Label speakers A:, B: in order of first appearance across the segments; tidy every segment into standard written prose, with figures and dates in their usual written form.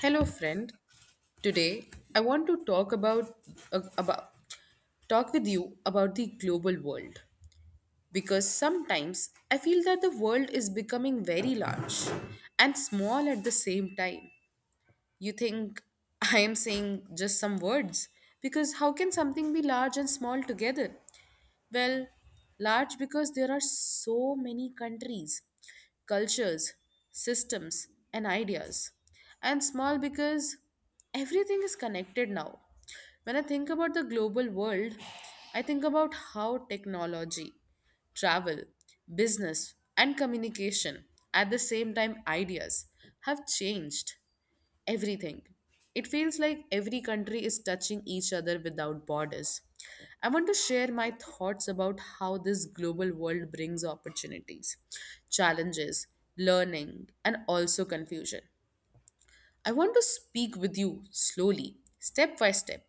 A: Hello, friend. Today, I want to talk about uh, about talk with you about the global world because sometimes I feel that the world is becoming very large and small at the same time. You think I am saying just some words because how can something be large and small together? Well, large because there are so many countries, cultures, systems, and ideas. And small because everything is connected now. When I think about the global world, I think about how technology, travel, business, and communication, at the same time, ideas, have changed everything. It feels like every country is touching each other without borders. I want to share my thoughts about how this global world brings opportunities, challenges, learning, and also confusion. I want to speak with you slowly, step by step,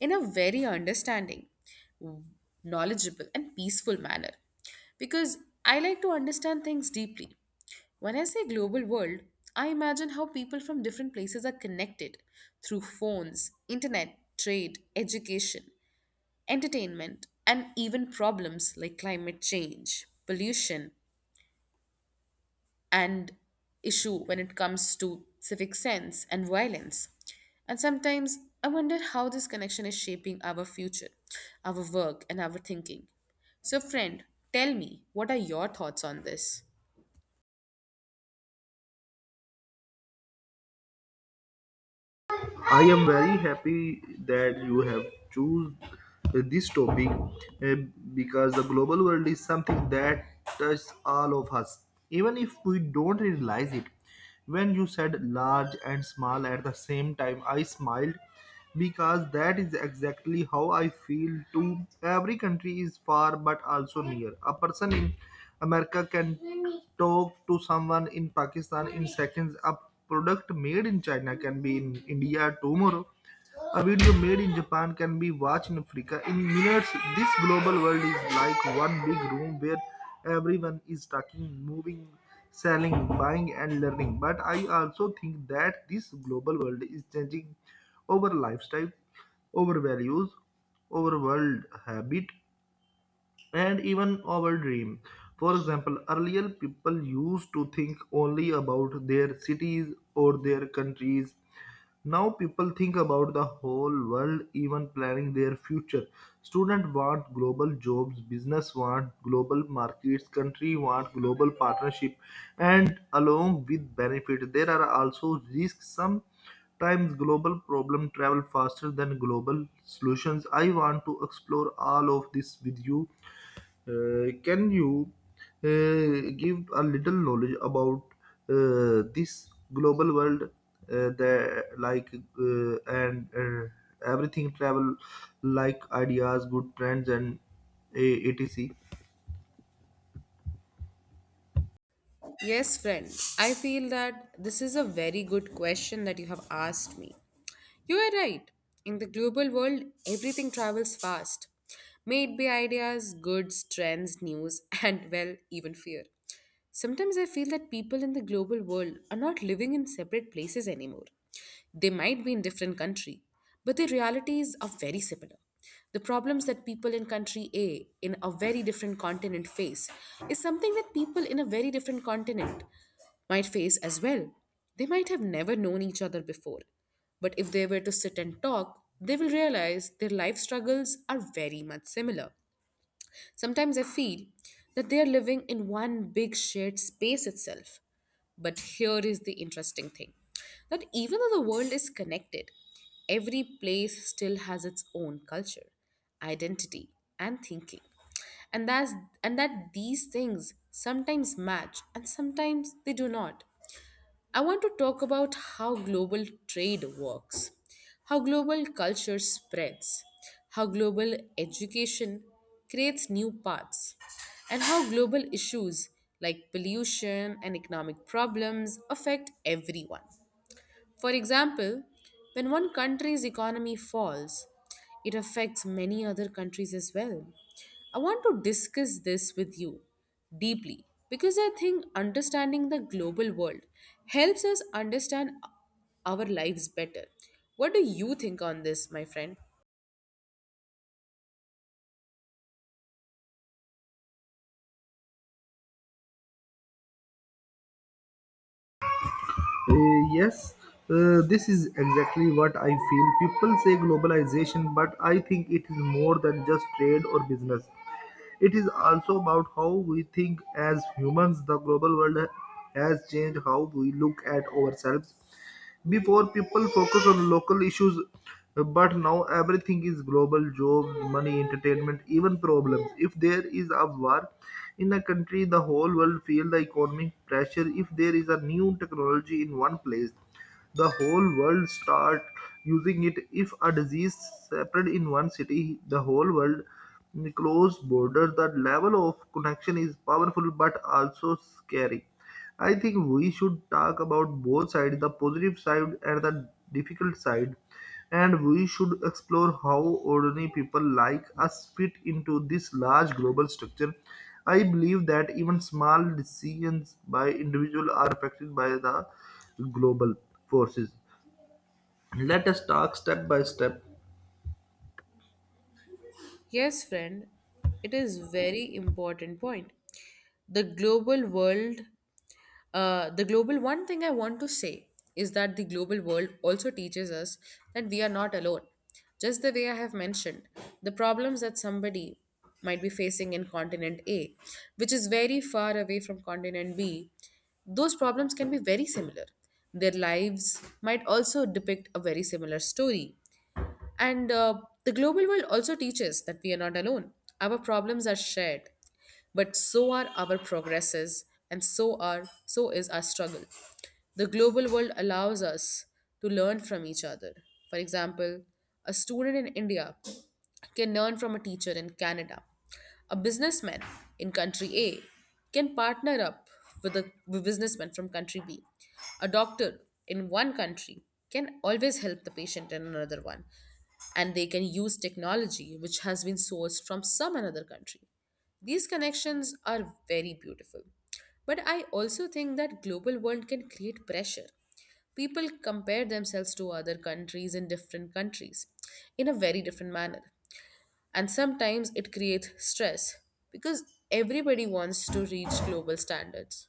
A: in a very understanding, knowledgeable, and peaceful manner because I like to understand things deeply. When I say global world, I imagine how people from different places are connected through phones, internet, trade, education, entertainment, and even problems like climate change, pollution, and issue when it comes to civic sense and violence. And sometimes I wonder how this connection is shaping our future, our work, and our thinking. So, friend, tell me, what are your thoughts on this?
B: I am very happy that you have choose this topic eh, because the global world is something that touches all of us, even if we don't realize it. When you said large and small at the same time, I smiled because that is exactly how I feel too. Every country is far but also near. A person in America can talk to someone in Pakistan in seconds. A product made in China can be in India tomorrow. A video made in Japan can be watched in Africa in minutes. This global world is like one big room where everyone is talking, moving, selling, buying, and learning. But I also think that this global world is changing our lifestyle, our values, our world habit and even our dream. For example, earlier people used to think only about their cities or their countries. Now people think about the whole world, even planning their future. Students want global jobs, business want global markets, country want global partnership, and along with benefit, there are also risks. Sometimes global problem travel faster than global solutions. I want to explore all of this with you. Can you give a little knowledge about this global world, that like and everything travel like ideas good trends and etc.
A: Yes, friend. I feel that this is a very good question that you have asked me. You are right. In the global world, everything travels fast. May it be ideas, goods, trends, news, and well, even fear. Sometimes I feel that people in the global world are not living in separate places anymore. They might be in different country, but their realities are very similar. The problems that people in country A in a very different continent face is something that people in a very different continent might face as well. They might have never known each other before, but if they were to sit and talk, they will realize their life struggles are very much similar. Sometimes I feel that they are living in one big shared space itself. But here is the interesting thing that even though the world is connected, every place still has its own culture, identity, and thinking. And that's and that these things sometimes match and sometimes they do not. I want to talk about how global trade works, how global culture spreads, how global education creates new paths, and how global issues like pollution and economic problems affect everyone. For example, when one country's economy falls, it affects many other countries as well. I want to discuss this with you deeply because I think understanding the global world helps us understand our lives better. What do you think on this, my friend?
B: Yes, this is exactly what I feel. People say globalization, but I think it is more than just trade or business. It is also about how we think as humans. The global world has changed how we look at ourselves. Before, people focus on local issues but now everything is global job, money, entertainment, even problems. If there is a war in a country, the whole world feel the economic pressure. If there is a new technology in one place, the whole world start using it. If a disease spread in one city the whole world close border. The level of connection is powerful but also scary. I think we should talk about both sides, the positive side and the difficult side, and we should explore how ordinary people like us fit into this large global structure. I believe that even small decisions by individuals are affected by the global forces. Let us talk step by step.
A: Yes, friend, it is very important point. The global world the global one thing I want to say is that the global world also teaches us that we are not alone. Just the way I have mentioned, the problems that somebody might be facing in continent A, which is very far away from continent B, those problems can be very similar. Their lives might also depict a very similar story. And the global world also teaches that we are not alone. Our problems are shared, but so are our progresses, and so is our struggle. The global world allows us to learn from each other. For example, a student in India can learn from a teacher in Canada. A businessman in country A can partner up with a businessman from country B. A doctor in one country can always help the patient in another one and they can use technology which has been sourced from some another country. These connections are very beautiful. But I also think that global world can create pressure. People compare themselves to other countries in different countries in a very different manner and sometimes it creates stress because everybody wants to reach global standards.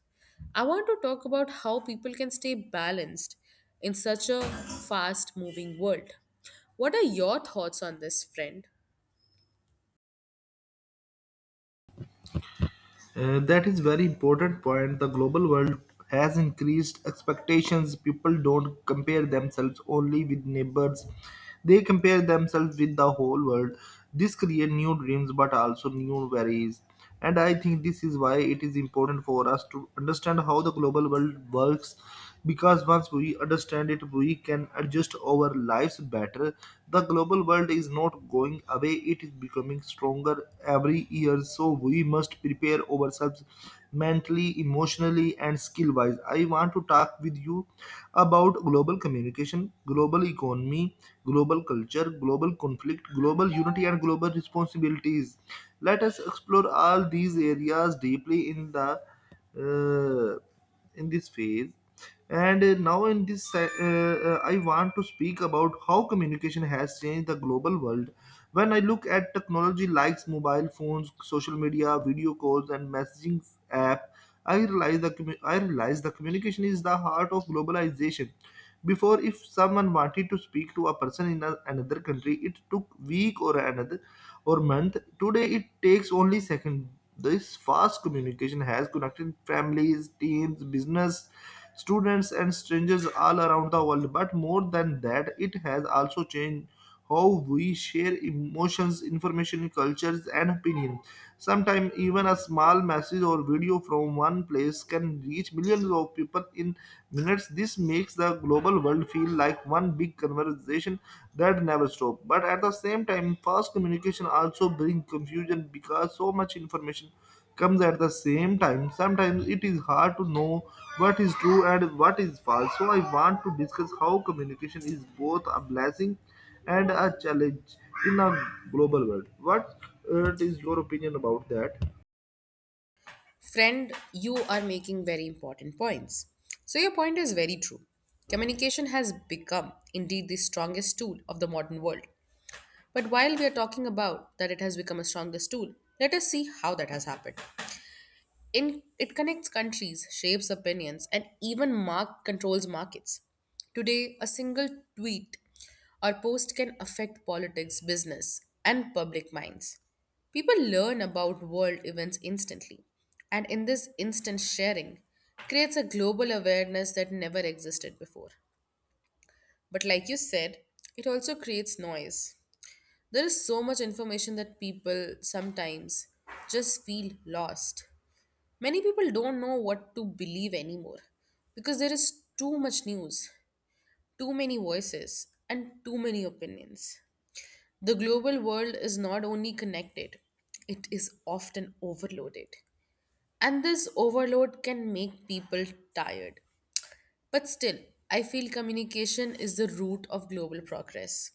A: I want to talk about how people can stay balanced in such a fast moving world. What are your thoughts on this, friend?
B: That is very important point. The global world has increased expectations. People don't compare themselves only with neighbors. They compare themselves with the whole world. This creates new dreams but also new worries. And I think this is why it is important for us to understand how the global world works, because once we understand it we can adjust our lives better. The global world is not going away, it is becoming stronger every year, so we must prepare ourselves mentally, emotionally, and skill wise. I want to talk with you about global communication, global economy, global culture, global conflict, global unity, and global responsibilities. Let us explore all these areas deeply in the in this phase. And now in this I want to speak about how communication has changed the global world. When I look at technology like mobile phones, social media, video calls, and messaging app, I realize the I realize the communication is the heart of globalization. Before, if someone wanted to speak to a person in another country, it took week or another or month. Today, it takes only second. This fast communication has connected families, teams, business, students, and strangers all around the world. But more than that, it has also changed how we share emotions, information, cultures, and opinions. Sometimes, even a small message or video from one place can reach millions of people in minutes. This makes the global world feel like one big conversation that never stops. But at the same time, fast communication also brings confusion because so much information comes at the same time. Sometimes it is hard to know what is true and what is false. So I want to discuss how communication is both a blessing and a challenge in a global world. What is your opinion about that?
A: Friend, you are making very important points. So, your point is very true. Communication has become indeed the strongest tool of the modern world. But while we are talking about that it has become a strongest tool, let us see how that has happened. In, it connects countries, shapes opinions, and even mark, controls markets. Today, a single tweet or post can affect politics, business, and public minds. People learn about world events instantly, and in this instant sharing creates a global awareness that never existed before. But like you said, it also creates noise. There is so much information that people sometimes just feel lost. Many people don't know what to believe anymore because there is too much news, too many voices, and too many opinions. The global world is not only connected, it is often overloaded. And this overload can make people tired, but still, I feel communication is the root of global progress.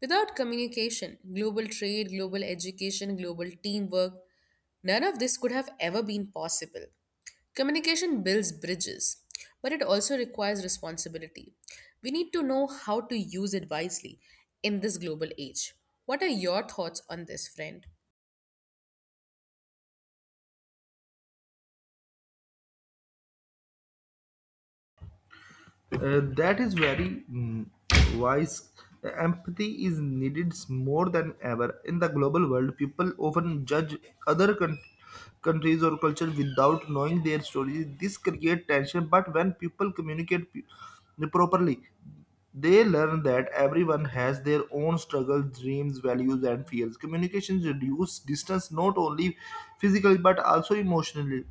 A: Without communication, global trade, global education, global teamwork, none of this could have ever been possible. Communication builds bridges, but it also requires responsibility. We need to know how to use it wisely in this global age. What are your thoughts on this, friend?
B: That is very wise. Empathy is needed more than ever. In the global world, people often judge other countries or cultures without knowing their stories. This creates tension, but when people communicate properly, they learn that everyone has their own struggles, dreams, values, and fears. Communications reduce distance not only physically but also emotionally.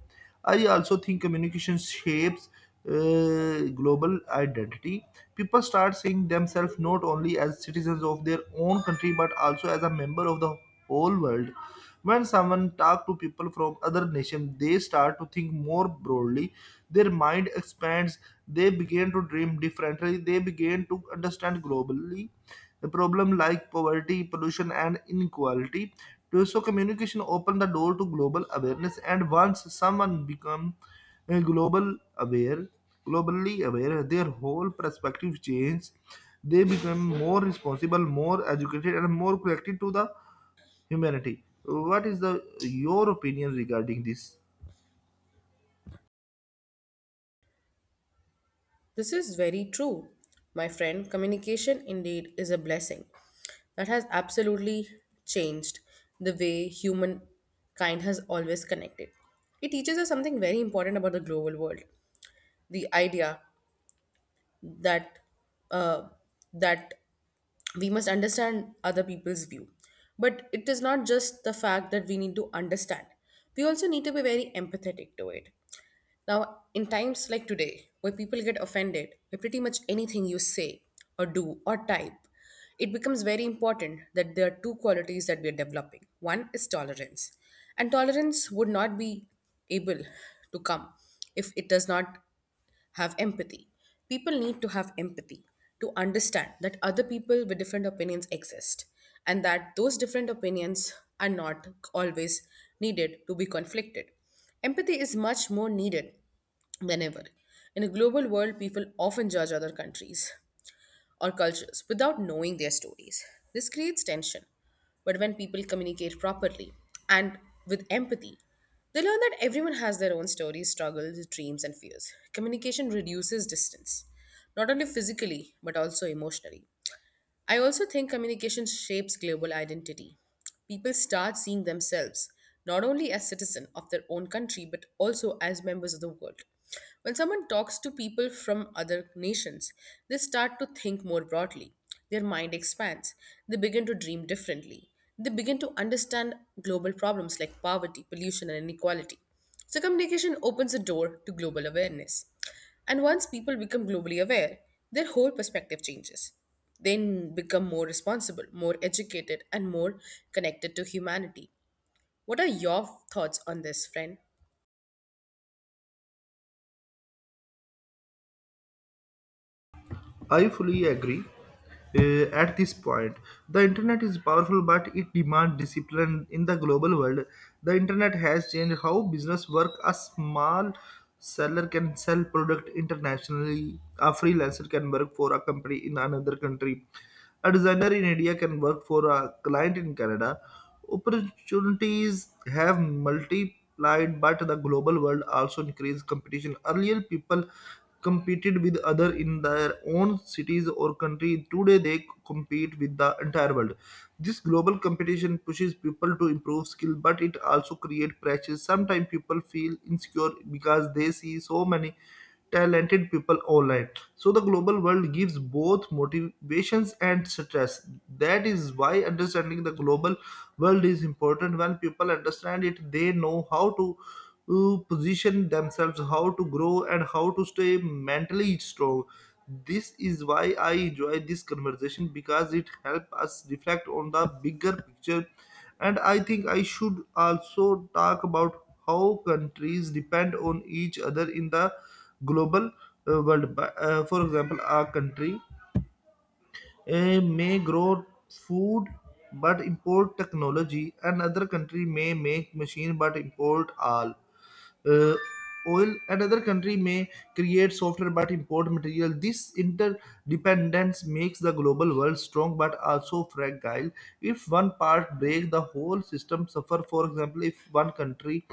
B: I also think communication shapes global identity. People start seeing themselves not only as citizens of their own country but also as a member of the whole world. When someone talks to people from other nations, they start to think more broadly. Their mind expands. They begin to dream differently. They begin to understand globally the problem like poverty, pollution, and inequality. So communication opened the door to global awareness, and once someone become uh, global aware, globally aware, their whole perspective changes. They become more responsible, more educated, and more connected to the humanity. What is the your opinion regarding this?
A: This is very true, my friend. Communication indeed is a blessing. That has absolutely changed the way humankind has always connected. It teaches us something very important about the global world the idea that, uh, that we must understand other people's view. But it is not just the fact that we need to understand, we also need to be very empathetic to it. Now, in times like today, where people get offended by pretty much anything you say or do or type, it becomes very important that there are two qualities that we are developing. One is tolerance, and tolerance would not be able to come if it does not have empathy. People need to have empathy to understand that other people with different opinions exist and that those different opinions are not always needed to be conflicted. Empathy is much more needed than ever. In a global world, people often judge other countries or cultures without knowing their stories. This creates tension. But when people communicate properly and with empathy, they learn that everyone has their own stories, struggles, dreams, and fears. Communication reduces distance, not only physically, but also emotionally. I also think communication shapes global identity. People start seeing themselves not only as citizens of their own country but also as members of the world. When someone talks to people from other nations, they start to think more broadly. Their mind expands. They begin to dream differently. They begin to understand global problems like poverty, pollution, and inequality. So, communication opens a door to global awareness. And once people become globally aware, their whole perspective changes. They become more responsible, more educated, and more connected to humanity. What are your thoughts on this, friend?
B: I fully agree. At this point, the internet is powerful, but it demands discipline in the global world. The internet has changed how business work. A small seller can sell product internationally. A freelancer can work for a company in another country. A designer in India can work for a client in Canada. Opportunities have multiplied, but the global world also increased competition. Earlier, people competed with other in their own cities or country. Today, they compete with the entire world. This global competition pushes people to improve skill, but it also creates pressure. Sometimes people feel insecure because they see so many talented people online. So the global world gives both motivations and stress. That is why understanding the global world is important. When people understand it, they know how to position themselves, how to grow, and how to stay mentally strong. This is why I enjoy this conversation because it helps us reflect on the bigger picture. And I think I should also talk about how countries depend on each other in the global world. But for example, a country may grow food but import technology, and another country may make machine but import all. Uh, Oil another country may create software but import material. This interdependence makes the global world strong but also fragile. If one part breaks, the whole system suffer. For example, if one country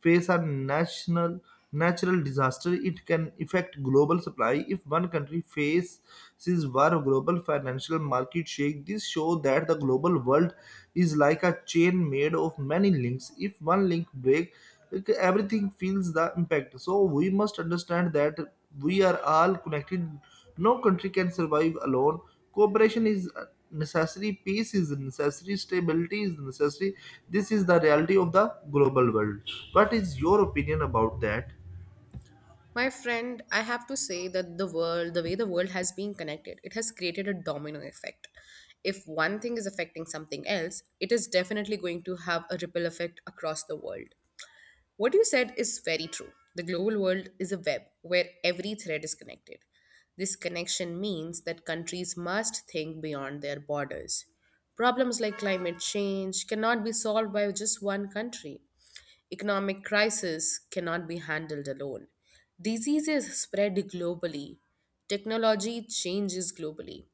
B: face a national natural disaster, it can affect global supply. If one country faces war, global financial market shake. This show that the global world is like a chain made of many links. If one link breaks, like, everything feels the impact. So we must understand that we are all connected, no country can survive alone. Cooperation is necessary, peace is necessary, stability is necessary. This is the reality of the global world. What is your opinion about that?
A: My friend, I have to say that the way the world has been connected, it has created a domino effect. If one thing is affecting something else, it is definitely going to have a ripple effect across the world. What you said is very true. The global world is a web where every thread is connected. This connection means that countries must think beyond their borders. Problems like climate change cannot be solved by just one country. Economic crisis cannot be handled alone. Diseases spread globally. Technology changes globally.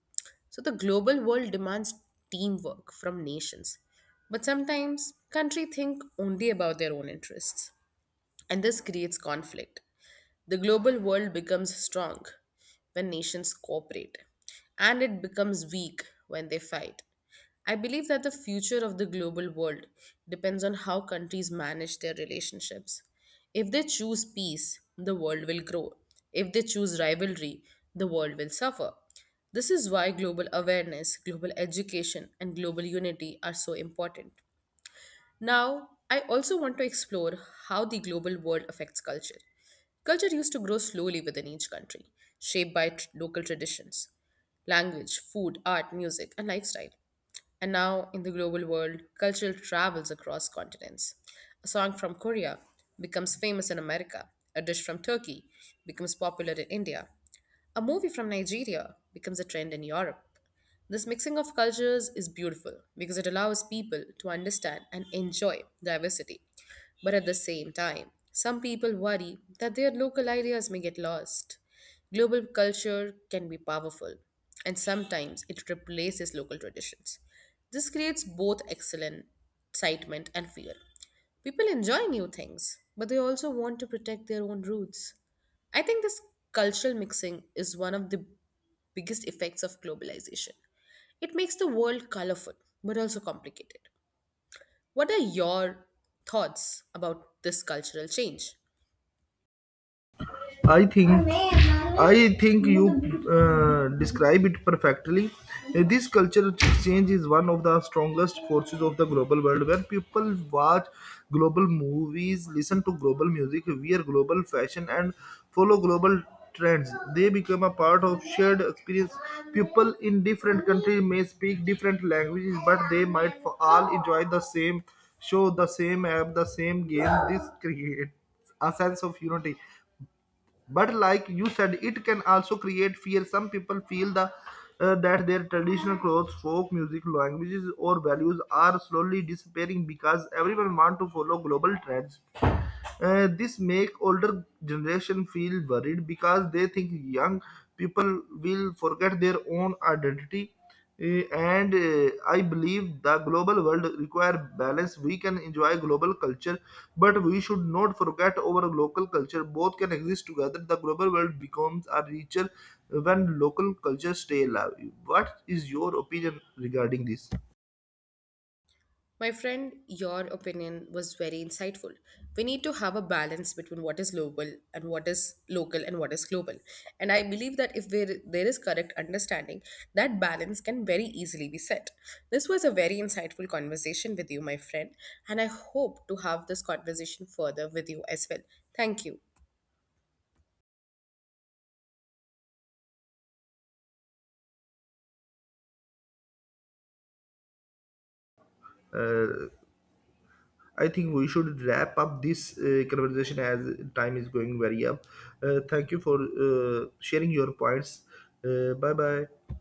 A: So the global world demands teamwork from nations. But sometimes countries think only about their own interests and this creates conflict. The global world becomes strong when nations cooperate, and it becomes weak when they fight. I believe that the future of the global world depends on how countries manage their relationships. If they choose peace, the world will grow. If they choose rivalry, the world will suffer. This is why global awareness, global education, and global unity are so important. Now, I also want to explore how the global world affects culture. Culture used to grow slowly within each country, shaped by local traditions, language, food, art, music, and lifestyle. And now, in the global world, cultural travels across continents. A song from Korea becomes famous in America, a dish from Turkey becomes popular in India, a movie from Nigeria becomes a trend in Europe. This mixing of cultures is beautiful because it allows people to understand and enjoy diversity. But at the same time, some people worry that their local ideas may get lost. Global culture can be powerful, and sometimes it replaces local traditions. This creates both excellent excitement and fear. People enjoy new things, but they also want to protect their own roots. I think this cultural mixing is one of the biggest effects of globalization. It makes the world colorful, but also complicated. What are your thoughts about this cultural change?
B: I think I think you describe it perfectly. This culture exchange is one of the strongest forces of the global world, where people watch global movies, listen to global music, wear global fashion, and follow global trends. They become a part of shared experience. People in different countries may speak different languages, but they might all enjoy the same show, the same app, the same game. This creates a sense of unity, but like you said it can also create fear. Some people feel the that their traditional clothes, folk music, languages or values are slowly disappearing because everyone want to follow global trends. This make older generation feel worried because they think young people will forget their own identity. Uh, and I believe the global world require balance. We can enjoy global culture, but we should not forget our local culture. Both can exist together. The global world becomes a richer when local culture stay alive. What is your opinion regarding this?
A: My friend, your opinion was very insightful. We need to have a balance between what is local and what is global. And I believe that if there, there is correct understanding, that balance can very easily be set. This was a very insightful conversation with you, my friend, and I hope to have this conversation further with you as well. Thank you.
B: Uh, I think we should wrap up this conversation as time is going very up. Thank you for sharing your points. Bye bye.